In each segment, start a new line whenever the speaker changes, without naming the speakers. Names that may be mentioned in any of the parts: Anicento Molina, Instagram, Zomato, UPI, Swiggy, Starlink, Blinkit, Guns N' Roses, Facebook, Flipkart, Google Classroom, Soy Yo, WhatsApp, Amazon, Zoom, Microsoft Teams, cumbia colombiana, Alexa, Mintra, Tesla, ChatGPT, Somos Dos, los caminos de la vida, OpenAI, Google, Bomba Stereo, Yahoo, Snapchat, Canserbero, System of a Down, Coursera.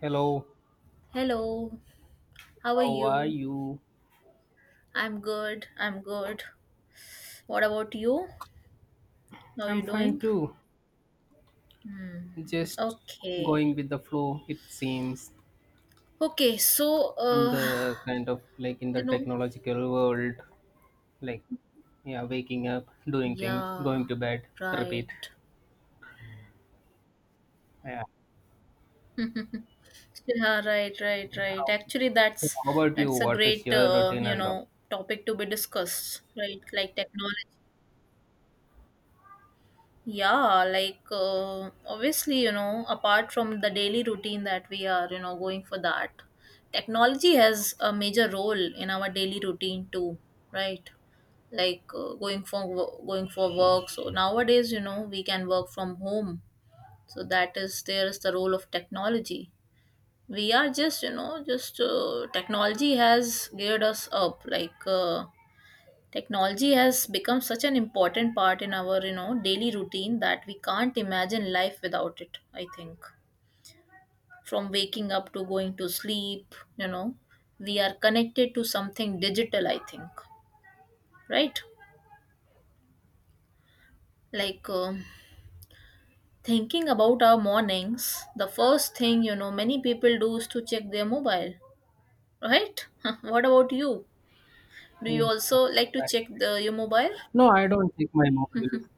Hello,
Hello, how are
how are
you?
you?
I'm good, I'm good. What about you? How are
I'm
you
fine
doing?
too.
Hmm.
Just
Okay.
going with the flow, it seems,
Okay,
in the kind of like in the
you know,
technological world. Like, yeah, waking up, doing things,
yeah,
going to bed, repeat.
right.
Yeah.
Yeah, right, right, right.
How-
Actually,
So,
that's
how about you?
that's a
What is
great,
your routine and all?
topic to be discussed, right? Like technology. Yeah, obviously, apart from the daily routine that we are, going for that, technology has a major role in our daily routine too, right? Going for work. So nowadays, we can work from home. So that is there is the role of technology. We are just, technology has geared us up. Technology has become such an important part in our, daily routine that we can't imagine life without it, I think. From waking up to going to sleep, we are connected to something digital, I think. Right? Like um Thinking about our mornings, the first thing, many people do is to check their mobile, right? What about you? Do you
Yes,
also like to
right.
check the your mobile?
No, I don't take my mobile.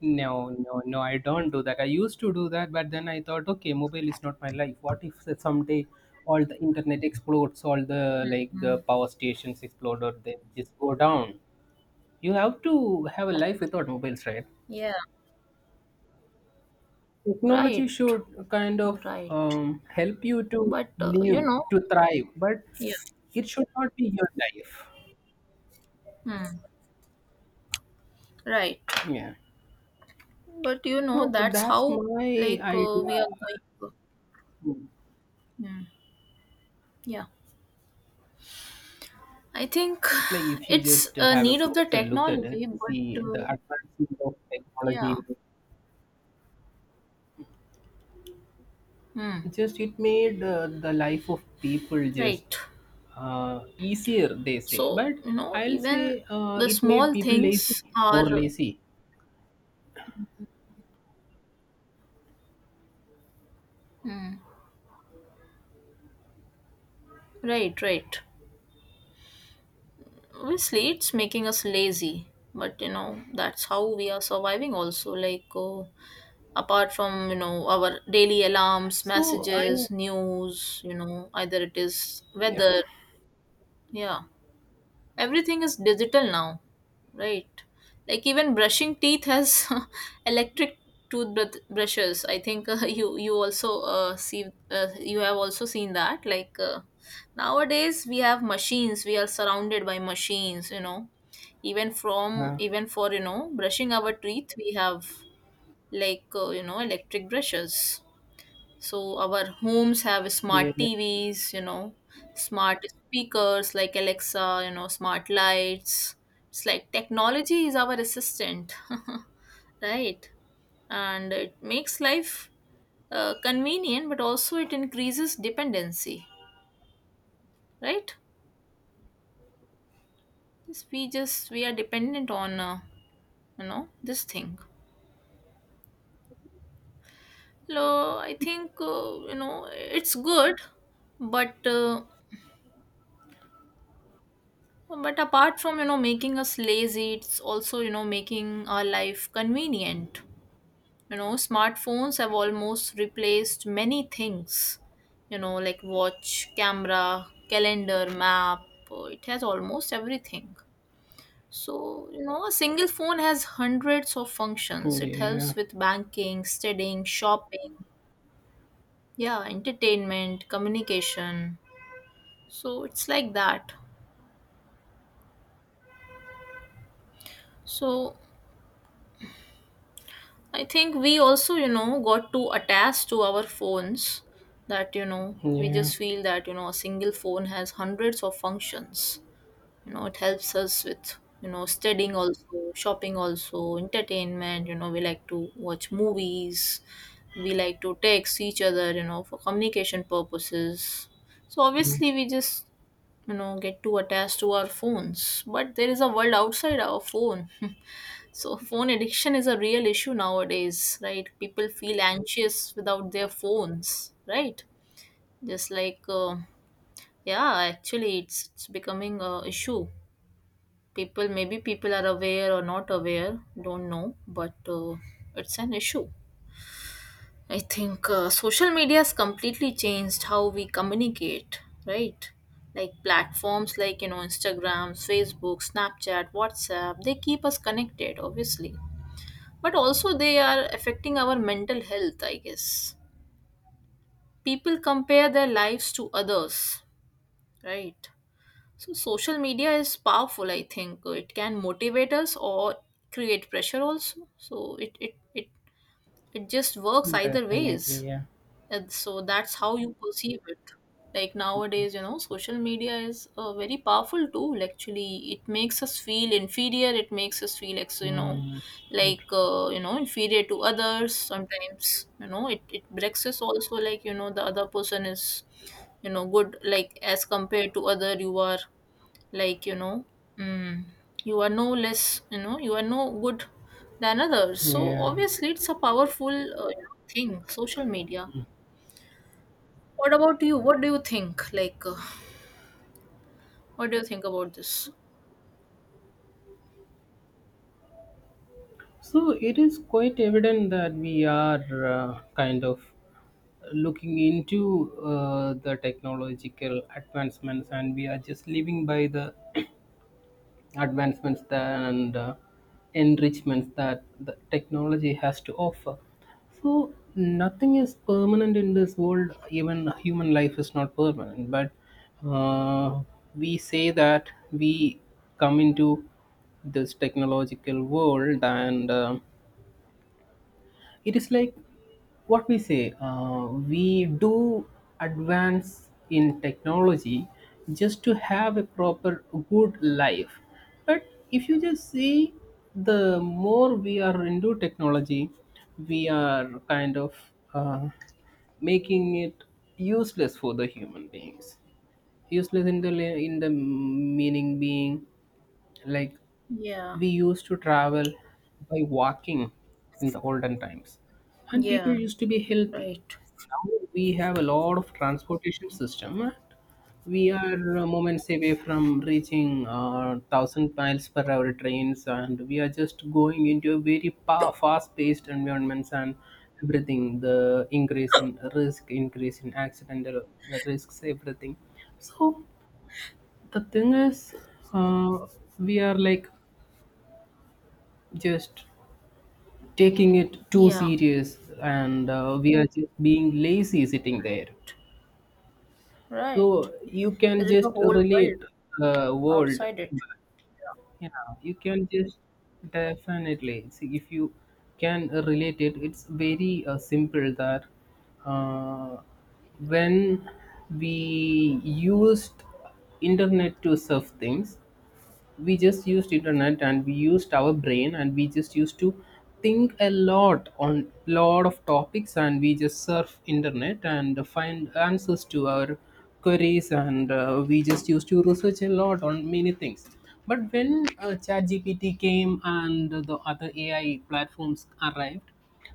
No, no, no, I don't do that. I used to do that, but then I thought, okay, mobile is not my life. What if that someday all the internet explodes, all the like the power stations explode or they just go down? You have to have a life without mobiles, right?
Yeah.
Technology
Right.
should kind of
Right.
help you to
But uh, you
live,
know,
to thrive, but
Yeah.
it should not be your life.
Hmm. Right.
Yeah.
But you know,
So
that's
that's
how
my
like
idea.
we are going. To- Hmm. Yeah. I think
It's like if you
it's
just
a
have a
need of the
closer look at it,
technology, but
see the advancement of
yeah.
technology,
Hmm.
it made the life of people
Right.
just easier, they say.
So
But
you know,
I'll
even
say
the
it made
small
people lazy,
things
more
are.
lazy.
Hmm. Right. Right. Obviously, it's making us lazy, but you know, that's how we are surviving. Also, like. Apart from, you know, our daily alarms,
So I,
messages, news, you know, either it is
yeah,
weather, yeah, everything is digital now, right? Like even brushing teeth has electric toothbrush brushes, I think. You also see you have also seen that, nowadays we have machines, we are surrounded by machines, you know, even from
yeah,
even for, you know, brushing our teeth, we have you know, electric brushes. So our homes have smart
yeah,
TVs, you know, smart speakers like Alexa, you know, smart lights. It's like technology is our assistant, right? And it makes life convenient, but also it increases dependency, right? This we just We are dependent on you know, this thing. So I think, you know, it's good, but uh, but apart from, you know, making us lazy, it's also, you know, making our life convenient. You know, smartphones have almost replaced many things, you know, like watch, camera, calendar, map, it has almost everything. So, you know, a single phone has hundreds of functions. It
yeah,
helps with banking, studying, shopping, yeah, entertainment, communication. So, it's like that. So, I think we also, you know, got too attached to our phones that, you know, we
yeah,
just feel that, you know, a single phone has hundreds of functions. You know, it helps us with, you know, studying also, shopping also, entertainment. You know, we like to watch movies, we like to text each other, you know, for communication purposes. So
yeah,
obviously, we just, you know, get too attached to our phones. But there is a world outside our phone. So, phone addiction is a real issue nowadays, right? People feel anxious without their phones, right? Just like, uh, yeah, actually, it's becoming a issue. People, maybe people are aware or not aware, don't know, but it's an issue. I think Social media has completely changed how we communicate, right? Like platforms like, you know, Instagram, Facebook, Snapchat, WhatsApp, they keep us connected, obviously, but also they are affecting our mental health, I guess. People compare their lives to others, right? So social media is powerful, I think. It can motivate us or create pressure also. It just works either ways.
definitely, yeah.
And so that's how you perceive it. Like nowadays, you know, social media is a very powerful tool. Actually, it makes us feel inferior. It makes us feel,
Mm.
inferior to others. Sometimes, you know, it breaks us also. Like you know, the other person is, you know, good. Like as compared to other, you are like you know, mm, you are no less. You know, you are no good than others. So
Yeah.
obviously, it's a powerful thing. Social media. What about you? What do you think? What do you think about this?
So it is quite evident that we are kind of looking into the technological advancements and we are just living by the advancements that, and enrichments that the technology has to offer. So nothing is permanent in this world, even human life is not permanent, but uh, we say that we come into this technological world, and it is like what we say, we do advance in technology just to have a proper good life. But if you just see, the more we are into technology, we are kind of uh, making it useless for the human beings, useless in the in the meaning being. Like,
Yeah,
we used to travel by walking in the olden times, and people
yeah,
used to be healthy.
right.
Now we have a lot of transportation system. We are moments away from reaching 1,000 miles per hour trains, and we are just going into a very fast-paced environments, and everything, the increase in risk, increase in accidental risks, everything. So the thing is, uh, we are like just taking it too
Yeah,
serious, and we are just being lazy sitting there.
right.
So you can
There is a
just
whole world
relate, world.
outside it.
Yeah, you can just definitely see if you can relate it. It's very simple that uh, when we used internet to surf things, we just used internet and we used our brain, and we just used to think a lot on lot of topics, and we just surf internet and find answers to our queries, and we just used to research a lot on many things. But when ChatGPT came and the other AI platforms arrived,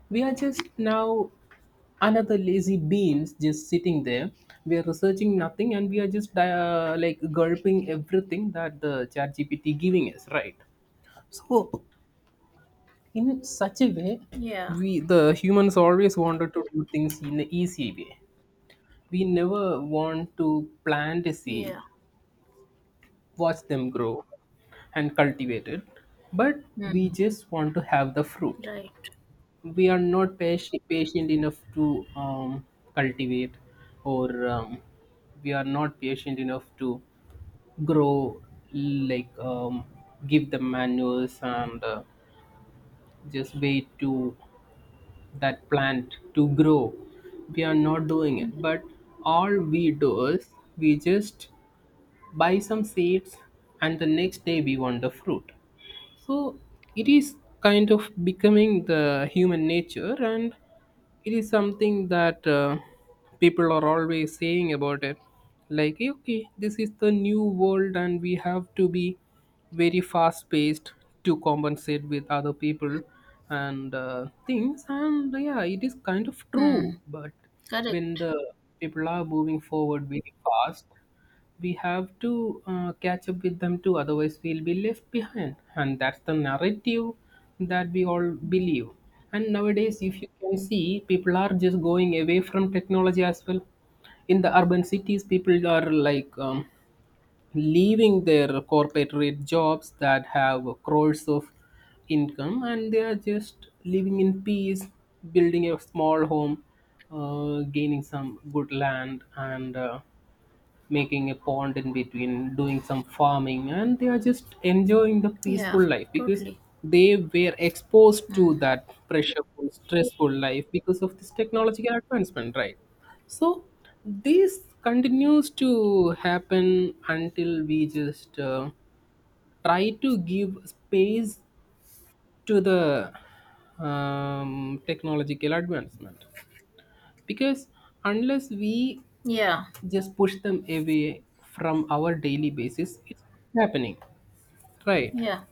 we are just now another lazy beans just sitting there. We are researching nothing, and we are just like gulping everything that the chat GPT giving us, right? So, in such a way,
Yeah,
we the humans always wanted to do things in an easy way. We never want to plant a seed,
yeah.
watch them grow and cultivate it, but we
Hmm.
just want to have the fruit.
Right.
We are not patient, patient enough to cultivate, or we are not patient enough to grow, like give the manures, and just wait to that plant to grow. We are not doing it, but all we do is we just buy some seeds and the next day we want the fruit. So it is kind of becoming the human nature, and it is something that people are always saying about it, like, "Hey, okay, this is the new world and we have to be very fast paced to compensate with other people and things." And yeah, it is kind of true,
Hmm.
but
Correct.
when the people are moving forward very fast, we have to catch up with them too, otherwise we'll be left behind, and that's the narrative that we all believe. And nowadays, if you can see, people are just going away from technology as well. In the urban cities, people are like leaving their corporate jobs that have crores of income, and they are just living in peace, building a small home, gaining some good land, and making a pond in between, doing some farming, and they are just enjoying the
Yeah,
peaceful life because
totally.
they were exposed to that pressureful, stressful life because of this technological advancement, right? So this continues to happen until we just try to give space to the technological advancement, because unless we
Yeah,
just push them away from our daily basis, it's happening, right?
yeah,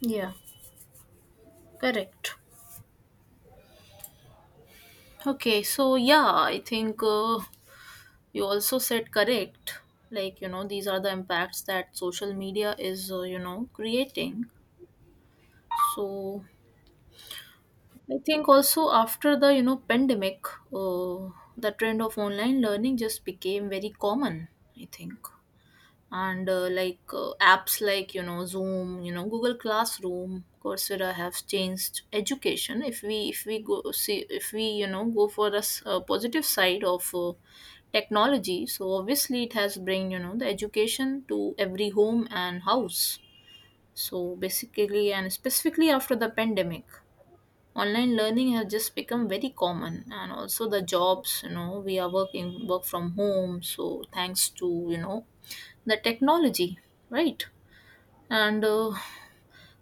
yeah. Correct. Okay, so yeah, I think you also said correct. Like, you know, these are the impacts that social media is, you know, creating. So, I think also after the, you know, pandemic, uh, the trend of online learning just became very common. I think, and like apps like, you know, Zoom, you know, Google Classroom, Coursera have changed education. If we go see, if we, you know, go for the positive side of technology, so obviously it has bring, you know, the education to every home and house. So basically and specifically after the pandemic, online learning has just become very common, and also the jobs, you know, we are working work from home, so thanks to, you know, the technology, right? and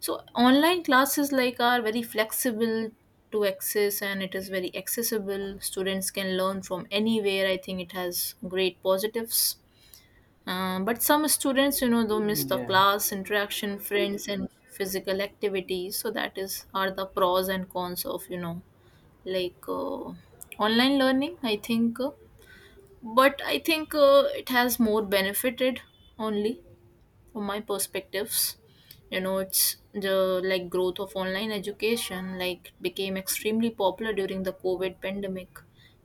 So online classes like are very flexible to access, and it is very accessible. Students can learn from anywhere. I think it has great positives. But some students, you know, they miss the
Yeah,
class interaction, friends and physical activities. So that is are the pros and cons of, you know, like uh, online learning, I think but I think it has more benefited only from my perspectives. You know, it's the like growth of online education like became extremely popular during the COVID pandemic.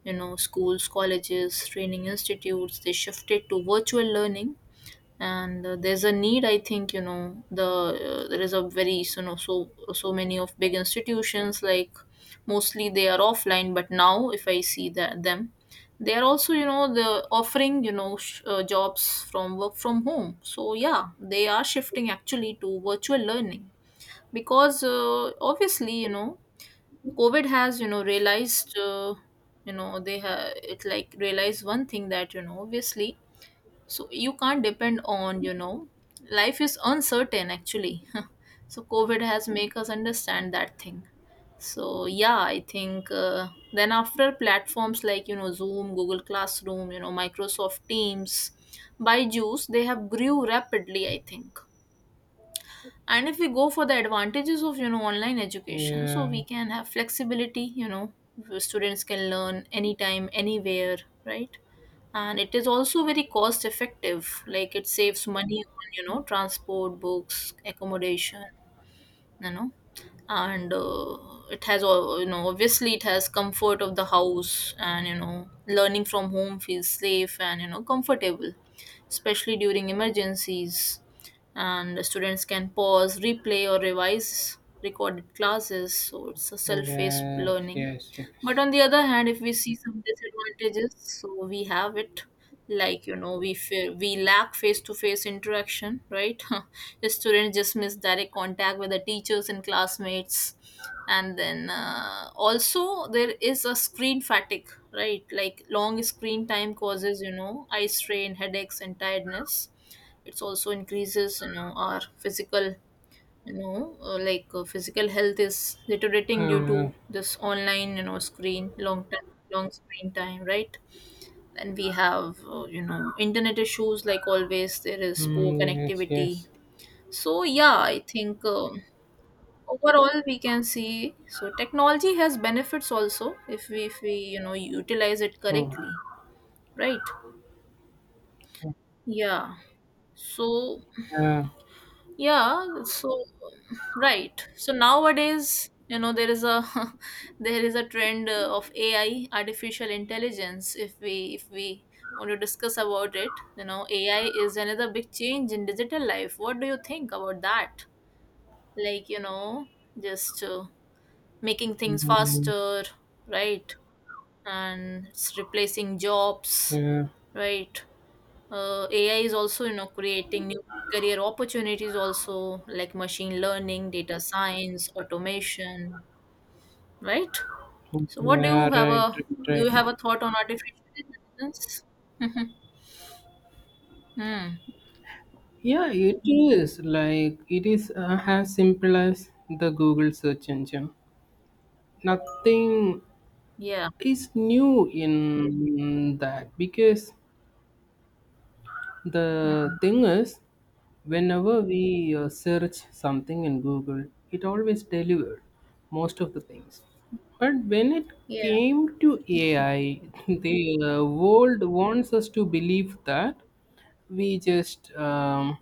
You know, schools, colleges, training institutes, they shifted to virtual learning. And There's a need, I think. There is a very, you know, so many of big institutions, like mostly they are offline, but now if I see that them, they are also, you know, the offering, you know, jobs from work from home. So yeah, they are shifting actually to virtual learning, because obviously, you know, COVID has, you know, realized, you know, they have it like realized one thing that, you know, obviously so you can't depend on, you know, life is uncertain actually. So COVID has make us understand that thing. So yeah, I think then after platforms like, you know, Zoom, Google Classroom, you know, Microsoft Teams, by juice they have grew rapidly, I think. And if we go for the advantages of, you know, online education, so we
yeah,
can have flexibility, you know, students can learn anytime, anywhere, right? And it is also very cost effective. Like it saves money on, you know, transport, books, accommodation, you know. And It has you know, obviously, it has comfort of the house, and you know, learning from home feels safe and, you know, comfortable, especially during emergencies. And the students can pause, replay or revise recorded classes, so it's a self-paced
yes,
learning.
yes,
But
yes.
on the other hand, if we see some disadvantages, so we have it, like you know, we lack face-to-face interaction, right? The students just miss direct contact with the teachers and classmates, and then also there is a screen fatigue, right? Like long screen time causes, you know, eye strain, headaches, and tiredness. It's also increases, you know, our physical, physical health is deteriorating due
Yeah,
to this online, you know, screen long time long screen time, right? And we have, you know, internet issues, like always there is poor
mm, yes,
connectivity.
yes.
So yeah, I think overall we can see so technology has benefits also if we, you know, utilize it
Mm,
correctly, right? Yeah. So
yeah,
yeah, so right. So nowadays, you know, there is a there is a trend of AI, artificial intelligence. If we want to discuss about it, you know, AI is another big change in digital life. What do you think about that? Like, you know, just making things
mm,
faster, right? And it's replacing jobs,
yeah,
right? AI is also, you know, creating new career opportunities also, like machine learning, data science, automation, right?
mm,
So what do
yeah,
you have
right,
a
right,
do you
right.
have a thought on artificial intelligence? Mhm. Hmm.
Yeah, it is like it is as simple as the Google search engine. Nothing
Yeah.
is new in that, because
Hmm.
the thing is, whenever we search something in Google, it always delivered most of the things. But when it
Yeah.
came to AI, the world wants us to believe that we just um,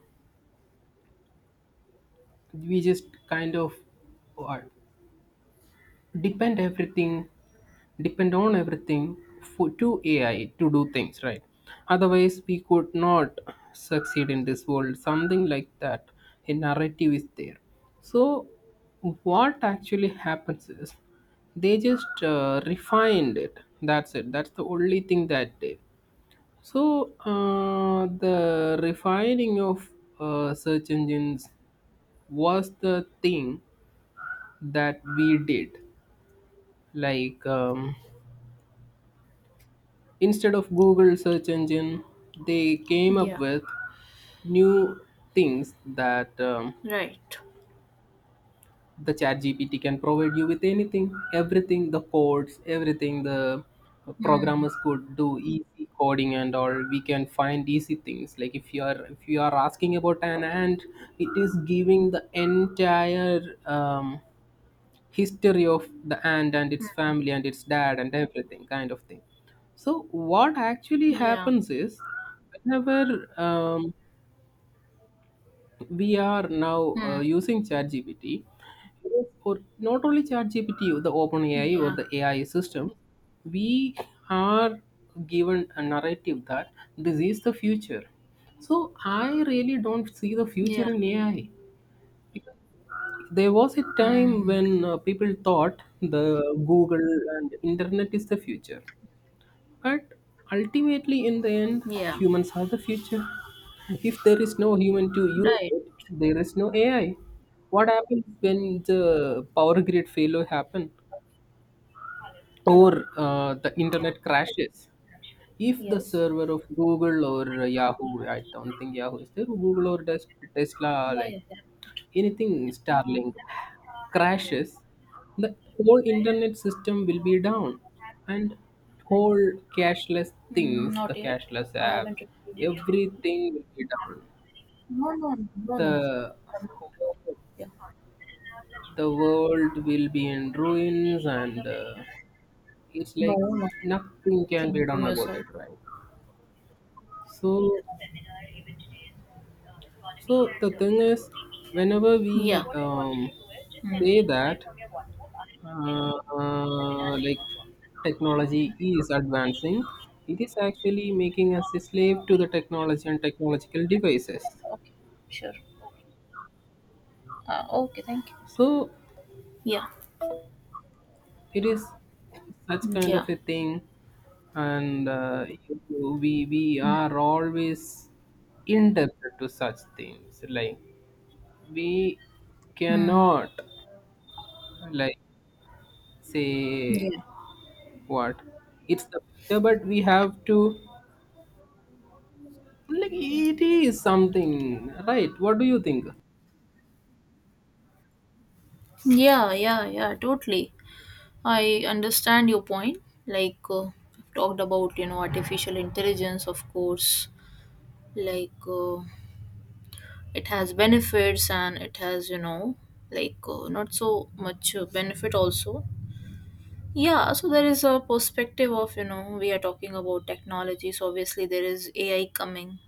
we just kind of uh, depend everything depend on everything for, to AI to do things, right? Otherwise, we could not succeed in this world. Something like that. A narrative is there. So, what actually happens is they just refined it. That's it. That's the only thing that they. So, the refining of search engines was the thing that we did. Like, instead of Google search engine, they came up
Yeah.
with new things that,
Right.
the chat GPT can provide you with anything, everything, the codes, everything the
Hmm.
programmers could do, easy coding and all. We can find easy things. Like, if you are asking about an ant, it is giving the entire history of the ant and its family and its dad and everything kind of thing. So what actually
Yeah.
happens is whenever, um, we are now
Hmm.
using ChatGPT, or not only ChatGPT, the OpenAI or
Yeah.
the AI system, we are given a narrative that this is the future. So I really don't see the
Yeah.
future in AI. There was a time
Hmm.
when people thought the Google and internet is the future. But ultimately, in the end,
Yeah.
humans are the future. If there is no human to use
Right.
it, there is no AI. What happens when the power grid failure happen, or the internet crashes? If the server of Google or Yahoo, I don't think Yahoo is there, Google or Tesla,
Yeah.
like
Yeah. Yeah.
anything, Starlink crashes, the whole internet system will be down, and whole cashless
Mm,
things,
not
the
yet.
cashless
I
apps,
haven't reviewed it.
everything will be down.
No. No. No. No.
The
Yeah.
the world will be in ruins, and it's
No.
like
No.
nothing can be
Thing from
done
your
about
side.
it, right? So, so the thing is, whenever
Yeah.
we
Mm.
say that, like, technology is advancing, it is actually making us a slave to the technology and technological devices.
Okay. Sure. Okay. Thank you.
So
Yeah.
it is such kind
Yeah.
of a thing, and we are always indebted to such things. Like, we
Mm.
cannot, like, say
Yeah.
what it's the future, but we have to, like, it is something, right? What do you think?
Yeah. Yeah. Yeah. Totally. I understand your point. I've talked about, you know, artificial intelligence. Of course, like uh, it has benefits and it has, you know, not so much benefit also. Yeah, so there is a perspective of, you know, we are talking about technology. So obviously there is AI coming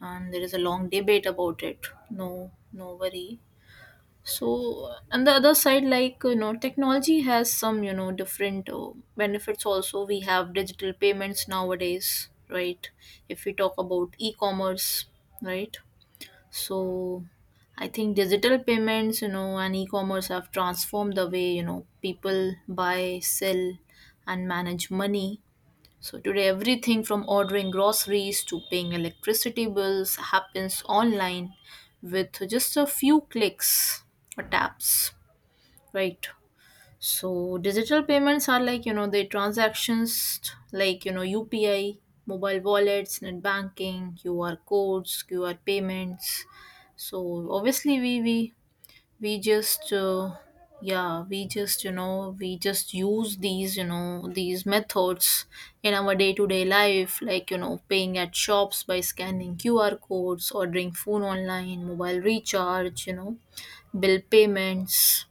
and there is a long debate about it. No, no worry. So on the other side, like, you know, technology has some, you know, different benefits also. We have digital payments nowadays, right? If we talk about e-commerce, right? So I think digital payments, you know, and e-commerce have transformed the way, you know, people buy, sell and manage money. So today everything from ordering groceries to paying electricity bills happens online with just a few clicks or taps, right? So digital payments are like, you know, the transactions like, you know, UPI, mobile wallets, net banking, QR codes, QR payments. So obviously we just yeah, we just you know, we just use these, you know, these methods in our day-to-day life like, you know, paying at shops by scanning QR codes, ordering food online, mobile recharge, you know, bill payments,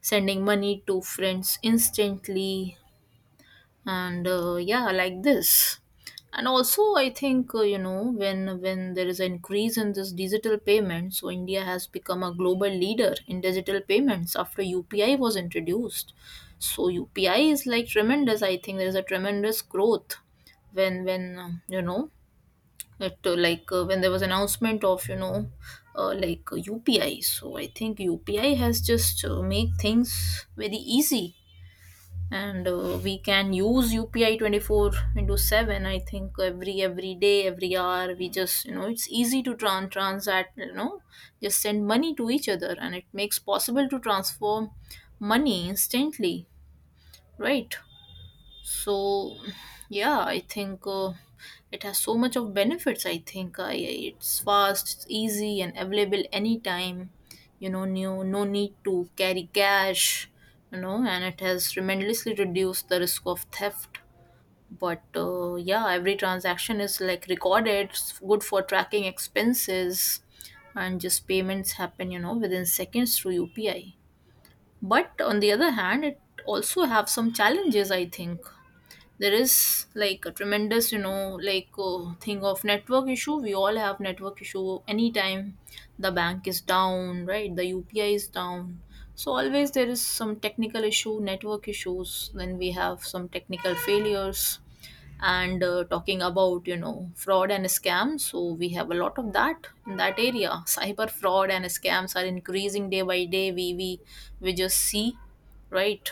sending money to friends instantly and yeah like this. And also I think you know when there is an increase in this digital payment. So India has become a global leader in digital payments after UPI was introduced. So UPI is like tremendous, I think there is a tremendous growth when you know that like when there was announcement of you know UPI. So I think UPI has just make things very easy. And we can use UPI 24 into 7. I think every day every hour we just you know it's easy to transact, you know, just send money to each other and it makes possible to transform money instantly, right? So yeah I think it has so much of benefits, I think it's fast, it's easy and available anytime, you know. No, no need to carry cash, you know, and it has tremendously reduced the risk of theft. But yeah, every transaction is like recorded, it's good for tracking expenses and just payments happen you know within seconds through UPI. But on the other hand it also have some challenges, I think there is like a tremendous, you know, thing of network issue. We all have network issue anytime, the bank is down, right? The UPI is down. So always there is some technical issue, network issues, then we have some technical failures. And talking about you know fraud and scams, so we have a lot of that in that area. Cyber fraud and scams are increasing day by day. We just see, right?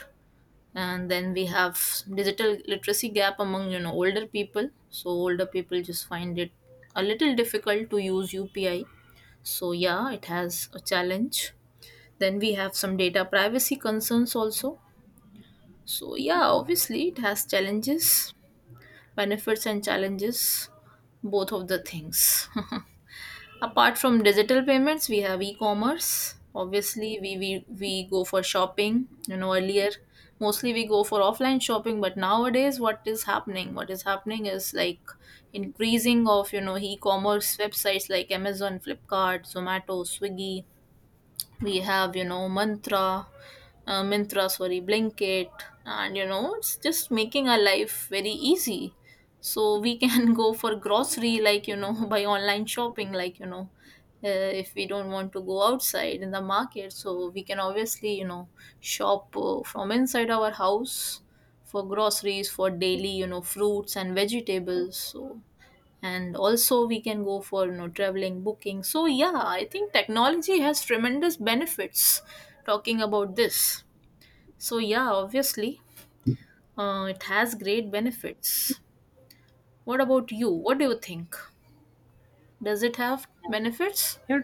And then we have digital literacy gap among you know older people. So older people just find it a little difficult to use UPI. So yeah it has a challenge. Then we have some data privacy concerns also. So yeah obviously it has challenges, benefits and challenges, both of the things. Apart from digital payments, we have e-commerce. Obviously, we go for shopping. You know, earlier mostly we go for offline shopping, but nowadays what is happening? What is happening is like increasing of, you know, e-commerce websites like Amazon, Flipkart, Zomato, Swiggy. We have, you know, Mantra, Mintra, sorry, Blinkit, and you know, it's just making our life very easy. So we can go for grocery, like you know, by online shopping, like you know, if we don't want to go outside in the market, so we can obviously you know shop from inside our house for groceries, for daily you know fruits and vegetables. So and also we can go for you know traveling booking. So yeah I think technology has tremendous benefits, talking about this. So yeah, obviously, it has great benefits. What about you? What do you think? Does it have benefits?
Yeah,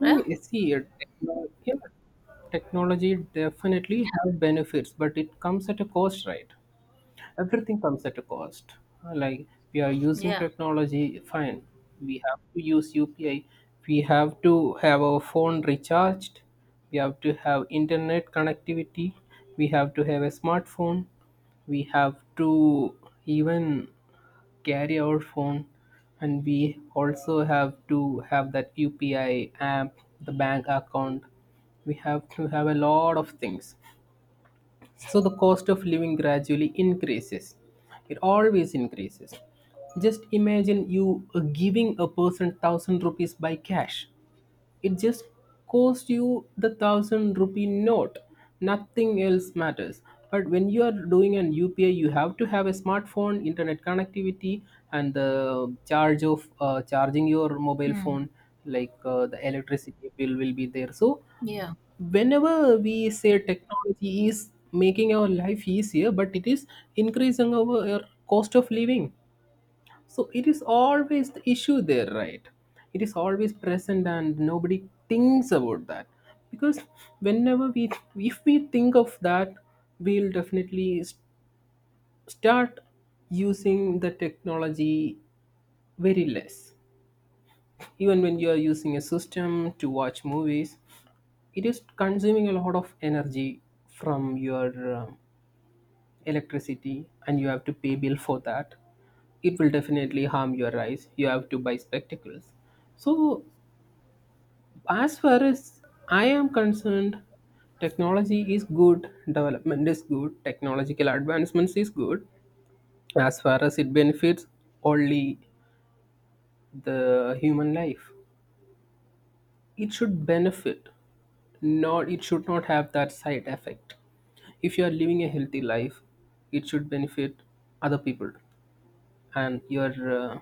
Yeah.
see yeah, technology definitely have benefits, but it comes at a cost, right? Everything comes at a cost. Like, we are using
Yeah.
technology, fine, we have to use UPI, we have to have our phone recharged, we have to have internet connectivity, we have to have a smartphone, we have to even carry our phone, and we also have to have that UPI app, the bank account. We have to have a lot of things. So the cost of living gradually increases. It always increases. Just imagine you giving a person 1,000 rupees by cash. It just costs you the 1,000 rupee note. Nothing else matters. But when you are doing an UPI, you have to have a smartphone, internet connectivity, and the charge of charging your mobile
Hmm.
phone, like, the electricity bill will be there. So
Yeah.
whenever we say technology is making our life easier, but it is increasing our cost of living. So it is always the issue there, right? It is always present and nobody thinks about that. Because whenever we, if we think of that, we'll definitely start using the technology very less. Even when you are using a system to watch movies, it is consuming a lot of energy from your electricity, and you have to pay bill for that. It will definitely harm your eyes, you have to buy spectacles. So, as far as I am concerned, technology is good, development is good, technological advancements is good, as far as it benefits only the human life. It should benefit, not, it should not have that side effect. If you are living a healthy life, it should benefit other people and your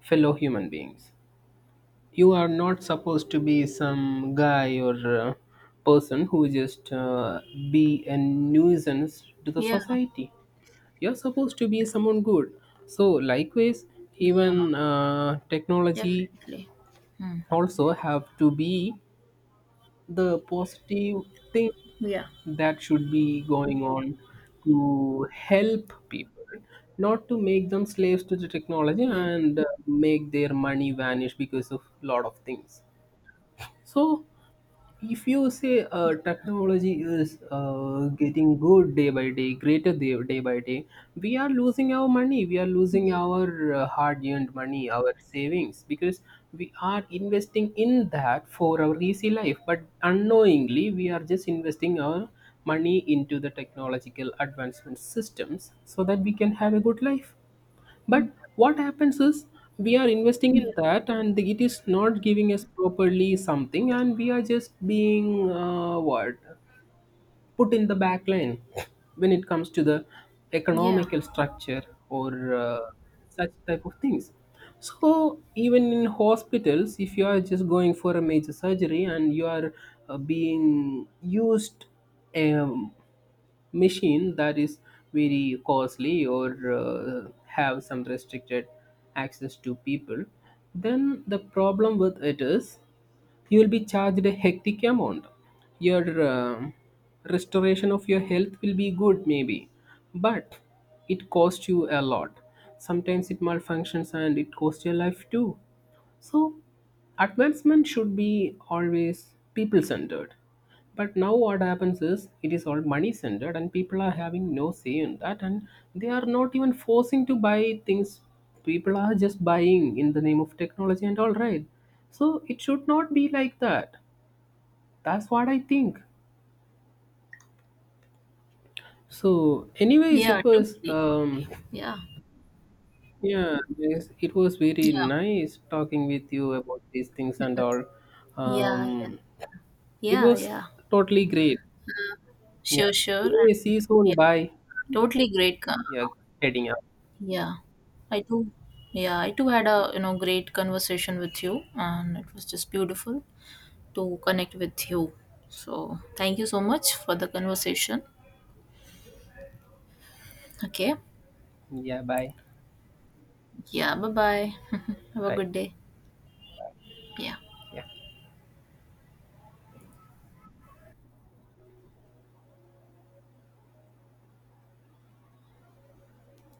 fellow human beings. You are not supposed to be some guy or person who just be a nuisance to the
Yeah.
society. You're supposed to be someone good. So likewise,
Yeah.
even technology
Definitely. Hmm.
also have to be the positive thing
Yeah.
that should be going on to help people, not to make them slaves to the technology
Yeah.
and make their money vanish because of lot of things. So if you say technology is getting good day by day, greater day, day by day, we are losing our money, we are losing our hard earned money, our savings, because we are investing in that for our easy life, but unknowingly we are just investing our money into the technological advancement systems so that we can have a good life. But what happens is we are investing
Yeah.
in that and it is not giving us properly something, and we are just being what, put in the back line when it comes to the
Yeah.
economical structure or such type of things. So even in hospitals, if you are just going for a major surgery and you are being used a machine that is very costly or have some restricted access to people, then the problem with it is you will be charged a hectic amount, your um restoration of your health will be good maybe, but it costs you a lot. Sometimes it malfunctions and it costs your life too. So, advancement should be always people centered. But now, what happens is it is all money centered, and people are having no say in that, and they are not even forcing to buy things. People are just buying in the name of technology and all, right? So, it should not be like that. That's what I think. So, anyways,
Yeah.
it was
Totally. Totally. Yeah.
yeah, yes, it was
Yeah.
very nice talking with you about these things and all.
Yeah. Yeah.
Um, It
Yeah.
was
Yeah.
totally great. Yeah.
Sure. Sure.
Anyway, see
And
you
yeah.
soon. Bye.
Totally great.
Yeah, heading out.
Yeah, I too. Yeah, I too had a you know great conversation with you, and it was just beautiful to connect with you. So thank you so much for the conversation. Okay.
Yeah, bye.
Yeah. Bye bye. Have a
Right.
good day. Yeah.
Yeah.